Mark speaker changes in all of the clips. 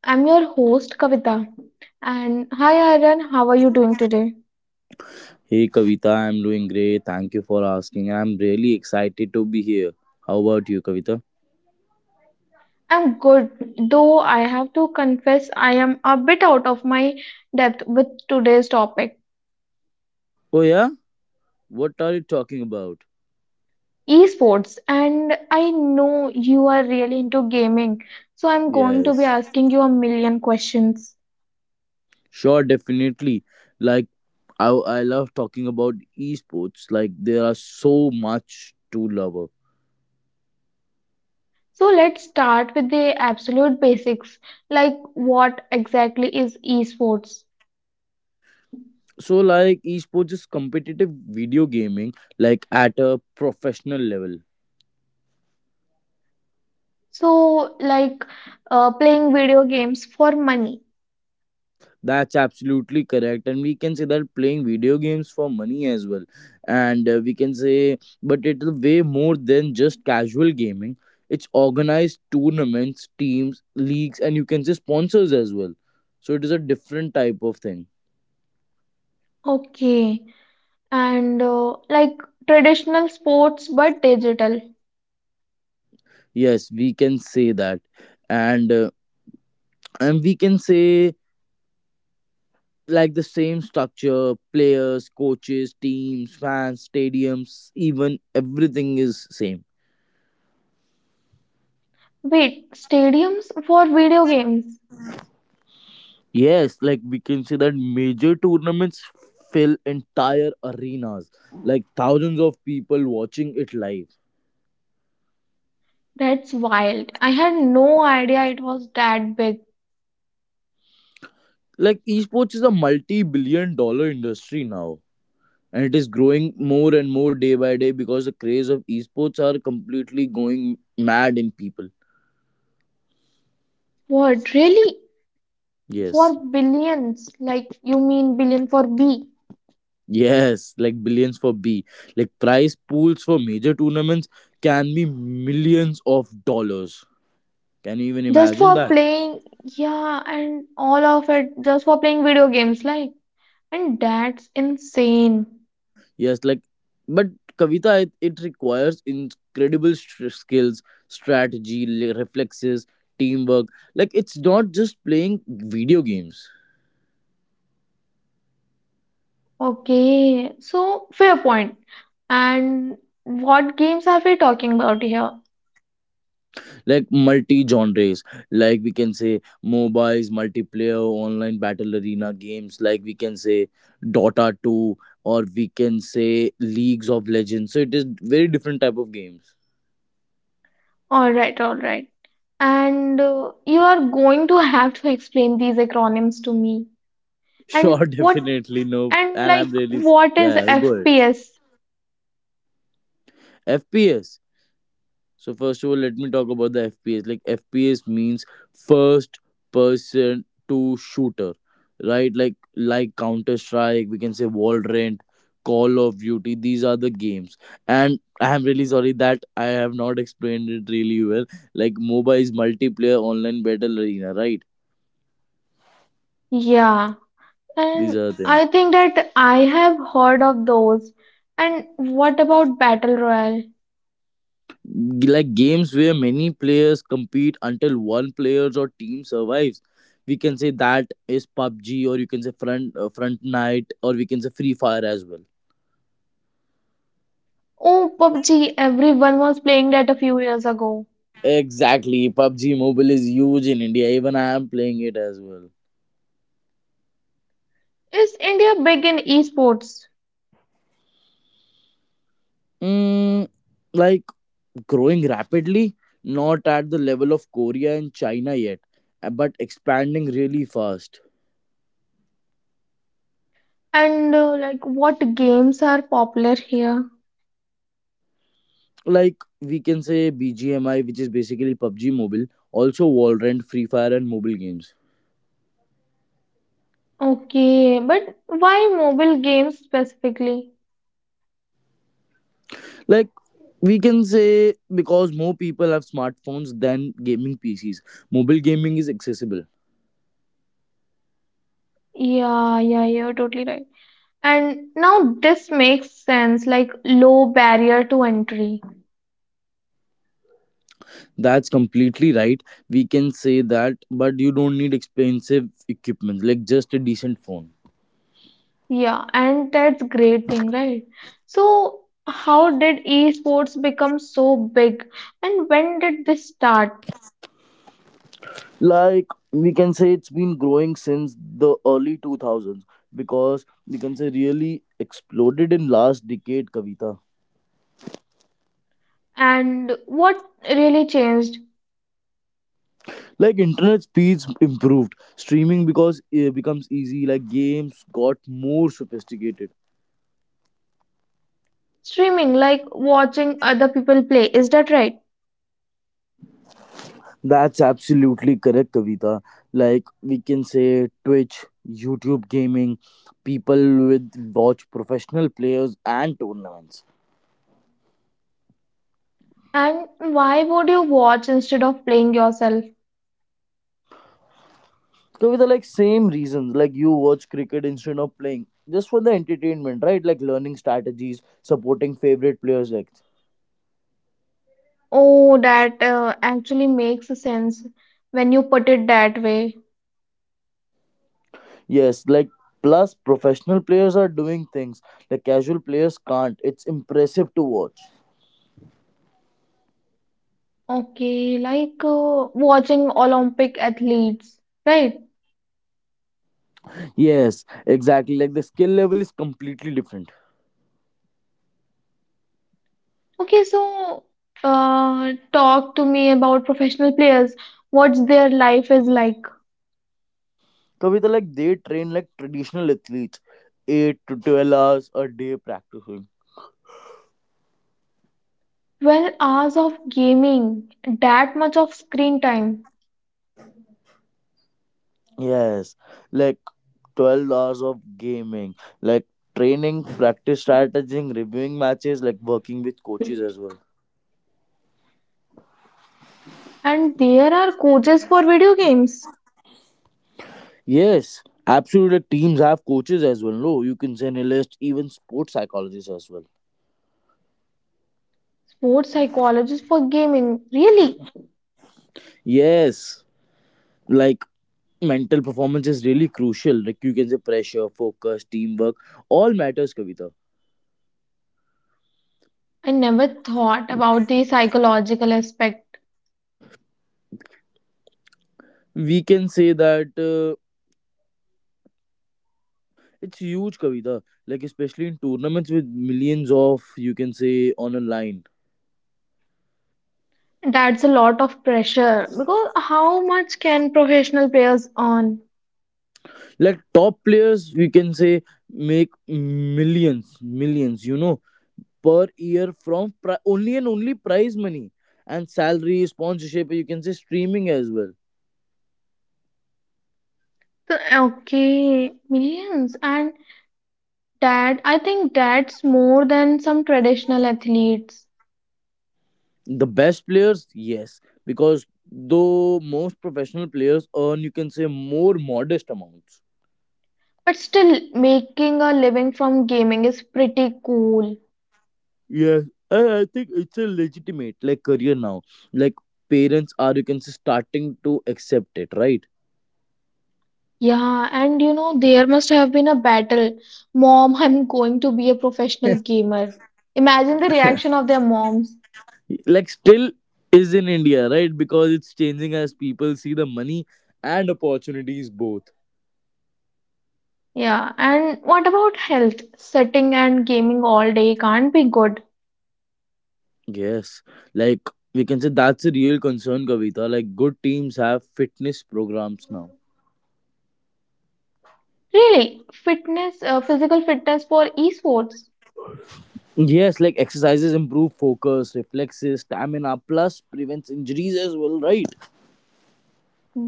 Speaker 1: I'm your host, Kavita. And hi, Aaron, how are you doing today?
Speaker 2: Hey Kavita, I'm doing great. Thank you for asking. I'm really excited to be here. How about you, Kavita?
Speaker 1: I'm good, though I have to confess I am a bit out of my depth with today's topic,
Speaker 2: Oh, yeah? What are you talking about?
Speaker 1: esports. And I know you are really into gaming, so I'm going to
Speaker 2: Yes.
Speaker 1: be asking you a million questions.
Speaker 2: Sure, definitely. Like, I, I love talking about esports. Like, there are so much to love.
Speaker 1: So let's start with the absolute basics, like what exactly is esports?
Speaker 2: So, like, esports is competitive video gaming, like, at a professional level.
Speaker 1: So, playing video games for money.
Speaker 2: That's absolutely correct. And we can say that playing video games for money as well. And we can say, but it's way more than just casual gaming. It's organized tournaments, teams, leagues, and you can say sponsors as well. So it is a different type of thing.
Speaker 1: Okay. And like traditional sports but digital.
Speaker 2: Yes, we can say that. And uh, and we can say like the same structure, players, coaches, teams, fans, stadiums, even everything is same.
Speaker 1: Wait, stadiums for video games?
Speaker 2: Yes, like we can say that major tournaments fill entire arenas, like thousands of people watching it live.
Speaker 1: That's wild. I had no idea it was that big.
Speaker 2: Like esports is a multi billion dollar industry now, and it is growing more and more day by day because the craze of esports are completely going mad in people.
Speaker 1: What, really? For
Speaker 2: Yes.
Speaker 1: billions? Like, you mean billion for B?
Speaker 2: Yes, like billions for B. Like prize pools for major tournaments can be millions of dollars. Can you even
Speaker 1: Just
Speaker 2: imagine
Speaker 1: for
Speaker 2: that?
Speaker 1: playing, yeah, and all of it just for playing video games, like, and that's insane.
Speaker 2: Yes, like, but Kavita, it requires incredible skills, strategy, reflexes, teamwork. Like, it's not just playing video games,
Speaker 1: Okay, so fair point. And what games are we talking about here?
Speaker 2: like multi genres, like we can say mobiles, multiplayer, online battle arena games, like we can say Dota 2, or we can say Leagues of Legends. So, it is very different type of games.
Speaker 1: All right, all right. And You are going to have to explain these acronyms to me. And
Speaker 2: Sure,
Speaker 1: what
Speaker 2: definitely, no.
Speaker 1: and
Speaker 2: And
Speaker 1: like
Speaker 2: I'm really,
Speaker 1: what is
Speaker 2: yeah, yeah, good.
Speaker 1: FPS?
Speaker 2: FPS. So first of all, let me talk about the FPS. Like FPS means first person to shooter, right? Like Counter Strike, we can say Valorant, Call of Duty. These are the games. And I am really sorry that I have not explained it really well. Like MOBA is multiplayer online battle arena, right?
Speaker 1: Yeah.
Speaker 2: These
Speaker 1: And
Speaker 2: are the things.
Speaker 1: I think that I have heard of those. And what about Battle Royale?
Speaker 2: Like games where many players compete until one players or team survives, we can say that is pubg, or you can say front night, or we can say free fire as well.
Speaker 1: Oh, PUBG, everyone was playing that a few years ago.
Speaker 2: Exactly, pubg mobile is huge in india, even I am playing it as well.
Speaker 1: Is India big in esports?
Speaker 2: mm, like growing rapidly, not at the level of korea and china yet, but expanding really fast.
Speaker 1: And Like what games are popular here?
Speaker 2: Like we can say bgmi, which is basically pubg mobile, also valorant free fire and mobile games.
Speaker 1: Okay, but why mobile games specifically?
Speaker 2: Like we can say because more people have smartphones than gaming PCs. Mobile gaming is accessible.
Speaker 1: Yeah, yeah, you're totally right. And now this makes sense, like low barrier to entry.
Speaker 2: That's completely right. We can say that, but you don't need expensive equipment, like just a decent phone.
Speaker 1: Yeah, and that's great thing, right? So how did esports become so big? And when did this start?
Speaker 2: Like we can say it's been growing since the early 2000s, because we can say really exploded in last decade, kavita.
Speaker 1: And what really changed?
Speaker 2: Like internet speeds improved streaming because it becomes easy, like games got more sophisticated.
Speaker 1: Streaming, like watching other people play, is that right?
Speaker 2: That's absolutely correct, Kavita. Like we can say Twitch, YouTube gaming, people with watch professional players and tournaments.
Speaker 1: And why would you watch instead of playing yourself?
Speaker 2: Kavita, like same reasons, like you watch cricket instead of playing, just for the entertainment, right? Like learning strategies, supporting favorite players, like
Speaker 1: Oh, that actually makes sense when you put it that way.
Speaker 2: yes, like plus professional players are doing things like casual players can't. It's impressive to watch.
Speaker 1: Okay, like watching Olympic athletes, right?
Speaker 2: Yes, exactly. Like the skill level is completely different.
Speaker 1: Okay, so talk to me about professional players. What's their life is like?
Speaker 2: Kavita, like they train like traditional athletes, 8 to 12 hours a day practicing.
Speaker 1: 12 hours of gaming, that much of screen time.
Speaker 2: Yes, like 12 hours of gaming, like training, practice, strategizing, reviewing matches, like working with coaches as well.
Speaker 1: And there are coaches for video games,
Speaker 2: Yes, absolutely. Like, teams have coaches as well. No, you can send a list, even sports psychologists as well.
Speaker 1: sports psychologists for gaming. Really?
Speaker 2: Yes, like mental performance is really crucial. Like you can say pressure, focus, teamwork, all matters, Kavita.
Speaker 1: I never thought about the psychological aspect.
Speaker 2: We can say that. It's huge, Kavita. Like especially in tournaments with millions of you can say on a line.
Speaker 1: That's a lot of pressure because how much can professional players earn?
Speaker 2: Like top players, we can say make millions, millions, you know, per year from only and only prize money and salary, sponsorship. You can say streaming as well.
Speaker 1: So, okay, millions. And that, I think that's more than some traditional athletes.
Speaker 2: The best players, yes, because though most professional players earn you can say more modest amounts.
Speaker 1: But still, making a living from gaming is pretty cool.
Speaker 2: Yes, I think it's a legitimate like career now. Like parents are you can say starting to accept it, right?
Speaker 1: Yeah, and you know, there must have been a battle. Mom, I'm going to be a professional gamer. Imagine the reaction of their moms.
Speaker 2: Like still is in India, right? Because it's changing as people see the money and opportunities both.
Speaker 1: Yeah, and what about health? Sitting and gaming all day can't be good.
Speaker 2: Yes, like we can say that's a real concern, Kavita. Like good teams have fitness programs now.
Speaker 1: Really, fitness, physical fitness for esports.
Speaker 2: Yes, like exercises improve focus, reflexes, stamina, plus prevents injuries as well, right?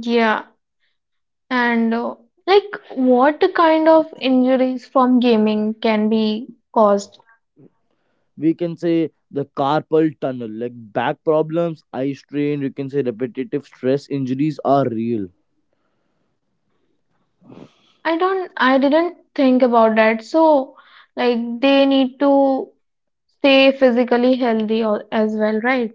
Speaker 1: Yeah, and like what kind of injuries from gaming can be caused?
Speaker 2: We can say the carpal tunnel, like back problems, eye strain, you can say repetitive stress injuries are real.
Speaker 1: I didn't think about that. So, like they need to stay physically healthy as well, right?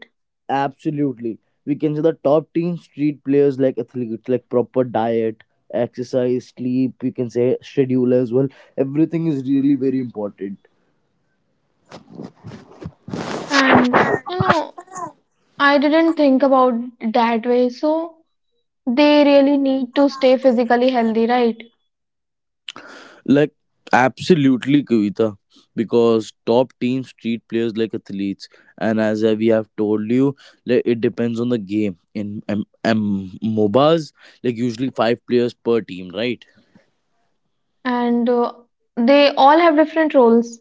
Speaker 2: Absolutely, we can say the top team street players like athletes, like proper diet, exercise, sleep, we can say schedule as well. Everything is really very important.
Speaker 1: And you know, I didn't think about that way. So, they really need to stay physically healthy, right?
Speaker 2: Like absolutely, Kavita, because top teams treat players like athletes, and as we have told you, like it depends on the game. In M- MOBAs, like usually five players per team, right?
Speaker 1: And they all have different roles.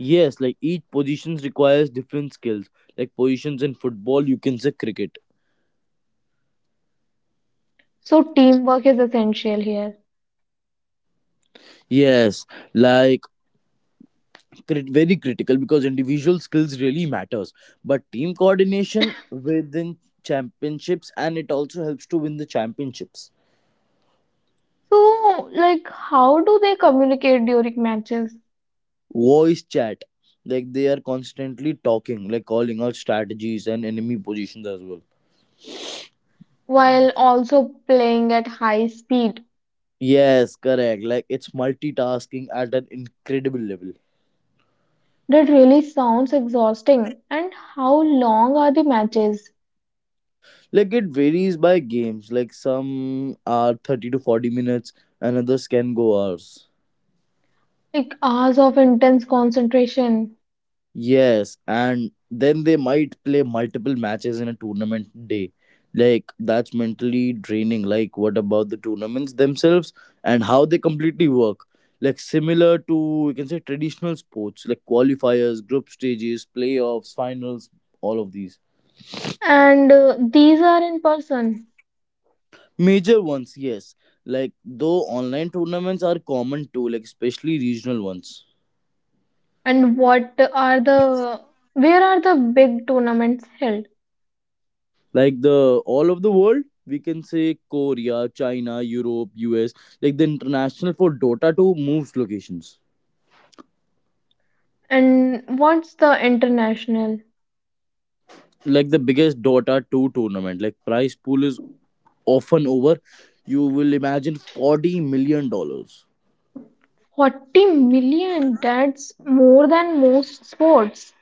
Speaker 2: Yes, like each positions requires different skills. Like positions in football, you can say cricket.
Speaker 1: So teamwork is essential here.
Speaker 2: Yes, like very critical because individual skills really matters, but team coordination within championships and it also helps to win the championships.
Speaker 1: So, like, how do they communicate during matches
Speaker 2: Voice chat, like they are constantly talking, like calling out strategies and enemy positions as well.
Speaker 1: while also playing at high speed?
Speaker 2: Yes, correct, like it's multitasking at an incredible level.
Speaker 1: That really sounds exhausting. And how long are the matches?
Speaker 2: Like it varies by games, like some are 30 to 40 minutes and others can go hours.
Speaker 1: Like hours of intense concentration.
Speaker 2: Yes, and then they might play multiple matches in a tournament day. Like that's mentally draining. Like what about the tournaments themselves and how they completely work? Like similar to you can say traditional sports, like qualifiers, group stages, playoffs, finals, all of these.
Speaker 1: And These are in person.
Speaker 2: Major ones, yes. Like though online tournaments are common too, like especially regional ones.
Speaker 1: And where are the big tournaments held?
Speaker 2: Like the all of the world, we can say korea china europe us, like the international for dota 2 moves locations.
Speaker 1: And what's the international?
Speaker 2: Like the biggest dota 2 tournament, like prize pool is often over you will imagine $40 million.
Speaker 1: 40 million, that's more than most sports.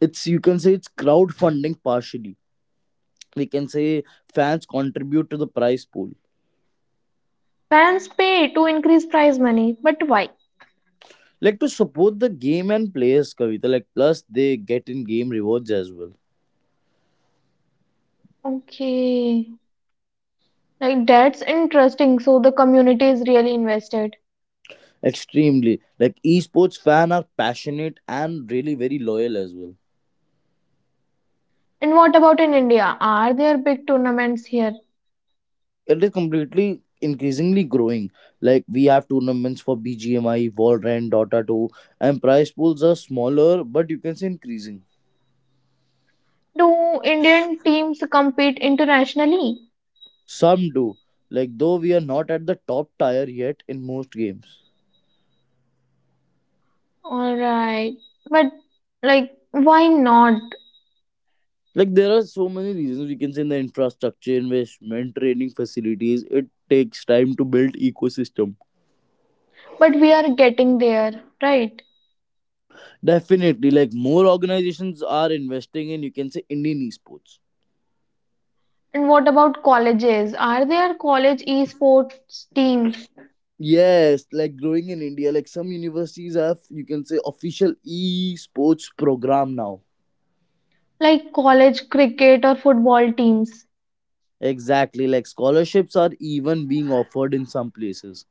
Speaker 2: It's you can say it's crowdfunding partially, we can say fans contribute to the prize pool.
Speaker 1: Fans pay to increase prize money, but why?
Speaker 2: Like to support the game and players, kavita, like plus they get in game rewards as well.
Speaker 1: Okay, like that's interesting. So the community is really invested.
Speaker 2: Extremely. Like esports fan are passionate and really very loyal as well.
Speaker 1: And what about in India? Are there big tournaments here?
Speaker 2: It is completely increasingly growing. Like we have tournaments for BGMI, Valorant, Dota 2, and prize pools are smaller, but you can say increasing.
Speaker 1: Do Indian teams compete internationally?
Speaker 2: Some do. Like though we are not at the top tier yet in most games.
Speaker 1: All right, but like why not?
Speaker 2: Like there are so many reasons we can say in the infrastructure investment, training facilities, it takes time to build ecosystem.
Speaker 1: But we are getting there, right?
Speaker 2: Definitely, like more organizations are investing in, you can say, Indian esports.
Speaker 1: And what about colleges? Are there college esports team
Speaker 2: Yes, like growing in India, like some universities have, you can say, official esports program now.
Speaker 1: like college cricket or football teams?
Speaker 2: Exactly, like scholarships are even being offered in some places.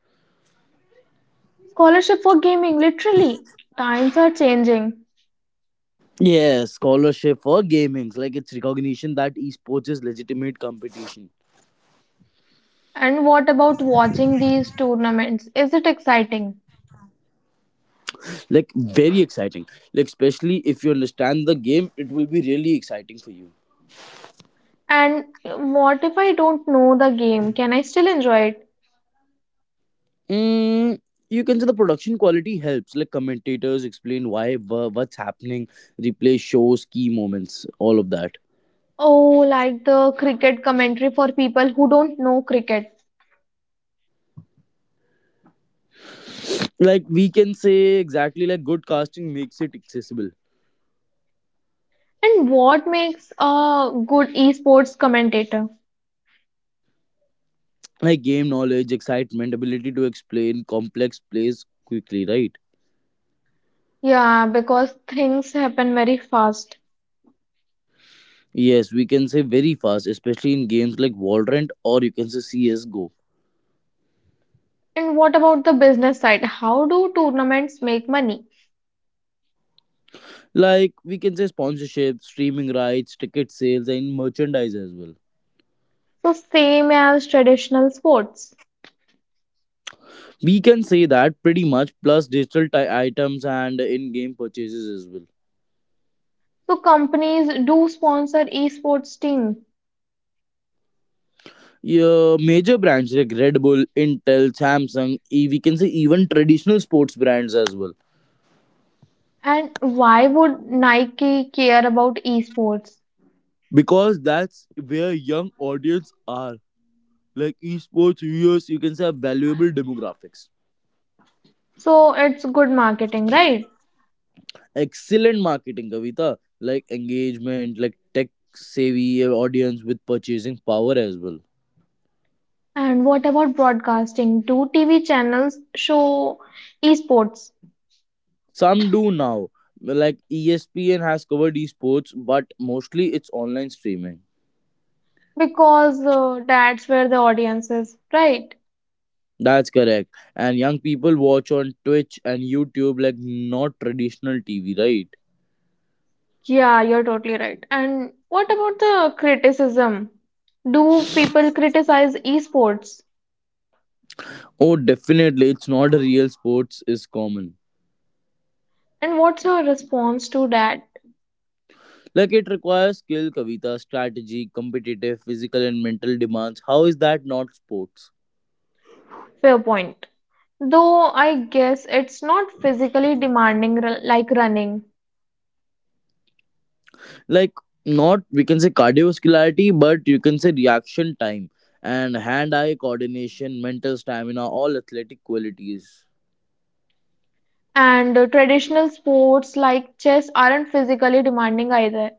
Speaker 1: Scholarship for gaming, literally. Times are changing.
Speaker 2: Yes, scholarship for gamings, like it's recognition that esports is legitimate competition.
Speaker 1: And what about watching these tournaments? Is it exciting?
Speaker 2: Like very exciting. Like especially if you understand the game, it will be really exciting for you.
Speaker 1: And what if I don't know the game? Can I still enjoy it?
Speaker 2: Mm, you can say the production quality helps. Like commentators explain why, what's happening, replay shows, key moments, all of that.
Speaker 1: Oh, like the cricket commentary for people who don't know cricket.
Speaker 2: Like we can say exactly, like good casting makes it accessible.
Speaker 1: And what makes a good esports commentator?
Speaker 2: Like game knowledge, excitement, ability to explain complex plays quickly, right?
Speaker 1: Yeah, because things happen very fast.
Speaker 2: Yes, we can say very fast, especially in games like Valorant or you can say CS:GO.
Speaker 1: And what about the business side? How do tournaments make money?
Speaker 2: Like we can say sponsorship, streaming rights, ticket sales, and merchandise as well.
Speaker 1: So, same as traditional sports.
Speaker 2: We can say that pretty much, plus digital items and in game purchases as well.
Speaker 1: So, companies do sponsor esports team.
Speaker 2: Yeah, major brands like Red Bull, Intel, Samsung, we can say even traditional sports brands as well.
Speaker 1: And why would Nike care about esports?
Speaker 2: Because that's where young audience are. Like esports viewers, you can say are valuable demographics.
Speaker 1: So, it's good marketing, right?
Speaker 2: Excellent marketing, Kavita. Like engagement, like tech savvy audience with purchasing power as well.
Speaker 1: And what about broadcasting? Do TV channels show esports?
Speaker 2: Some do now, like ESPN has covered esports, but mostly it's online streaming.
Speaker 1: Because that's where the audience is, right?
Speaker 2: That's correct. And young people watch on Twitch and YouTube, like not traditional TV, right?
Speaker 1: Yeah, you're totally right. And what about the criticism? Do people criticize esports?
Speaker 2: Oh, definitely, it's not a real sports is common.
Speaker 1: And what's your response to that?
Speaker 2: Like it requires skill, Kavita, strategy, competitive, physical and mental demands. How is that not sports?
Speaker 1: Fair point. Though I guess it's not physically demanding, like running,
Speaker 2: Like not we can say cardiovascularity, but you can say reaction time and hand eye coordination, mental stamina, all athletic qualities.
Speaker 1: and traditional sports like chess aren't physically demanding either.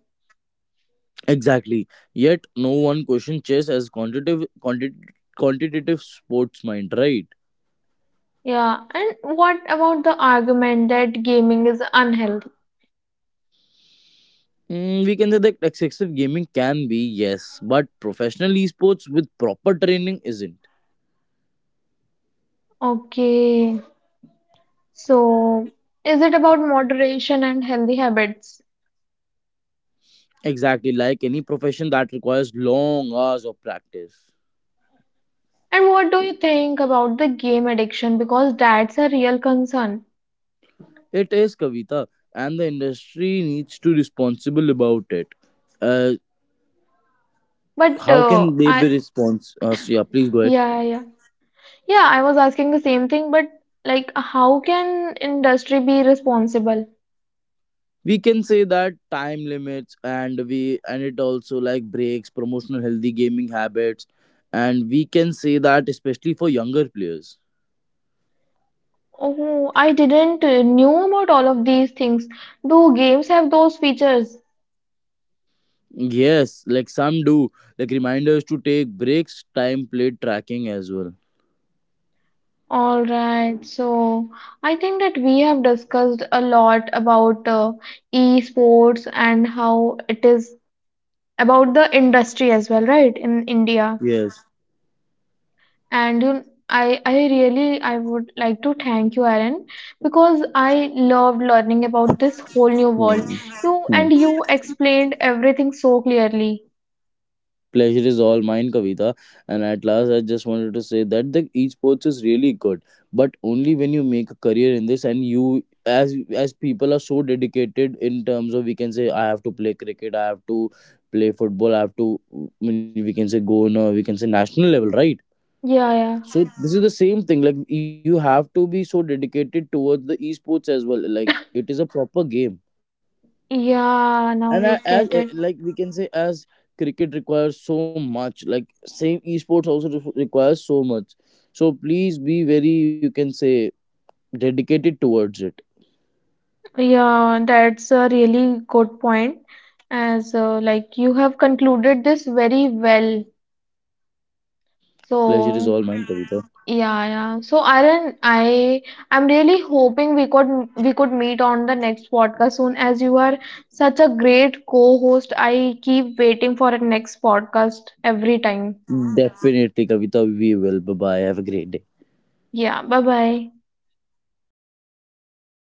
Speaker 2: Exactly, yet no one questions chess as quantitative sports mind, right?
Speaker 1: Yeah, and what about the argument that gaming is unhealthy?
Speaker 2: We can say that excessive gaming can be, yes, but professional esports with proper training isn't.
Speaker 1: Okay, so is it about moderation and healthy habits?
Speaker 2: Exactly, like any profession that requires long hours of practice.
Speaker 1: And what do you think about the game addiction? Because that's a real concern.
Speaker 2: It is Kavita, and the industry needs to responsible about it. Uh,
Speaker 1: But
Speaker 2: how can they
Speaker 1: I
Speaker 2: be response? So yeah, please go ahead.
Speaker 1: yeah yeah yeah I was asking the same thing. But like, how can industry be responsible?
Speaker 2: We can say that time limits and we and it also like breaks, promotional healthy gaming habits, and we can say that especially for younger players.
Speaker 1: Oh, I didn't knew about all of these things. Do games have those features?
Speaker 2: Yes, like some do, like reminders to take breaks, time played tracking as well.
Speaker 1: All right. So I think that we have discussed a lot about esports and how it is about the industry as well, right? In India.
Speaker 2: Yes.
Speaker 1: and you I really I would like to thank you, Aaron, because I loved learning about this whole new
Speaker 2: Hmm.
Speaker 1: world.
Speaker 2: Hmm.
Speaker 1: You explained everything so clearly.
Speaker 2: Pleasure is all mine, Kavita. And at last, I just wanted to say that the esports is really good, but only when you make a career in this and you as people are so dedicated in terms of we can say I have to play cricket, I have to play football, I have to I mean, we can say go on a we can say national level, right?
Speaker 1: Yeah, yeah.
Speaker 2: So this is the same thing. Like you have to be so dedicated towards the esports as well. Like it is a proper game
Speaker 1: Yeah,
Speaker 2: and
Speaker 1: now I
Speaker 2: as
Speaker 1: get it.
Speaker 2: like we can say as cricket requires so much, like same esports also requires so much, so please be very you can say dedicated towards it.
Speaker 1: Yeah, that's a really good point as like you have concluded this very well.
Speaker 2: Pleasure is all
Speaker 1: So
Speaker 2: mine, kavita.
Speaker 1: yeah, yeah. So Aaron, I'm really hoping we could meet on the next podcast soon as you are such a great co-host. I keep waiting for the next podcast every time.
Speaker 2: Definitely, kavita, we will bye bye, have a great day.
Speaker 1: Yeah, bye bye.
Speaker 2: Bye bye.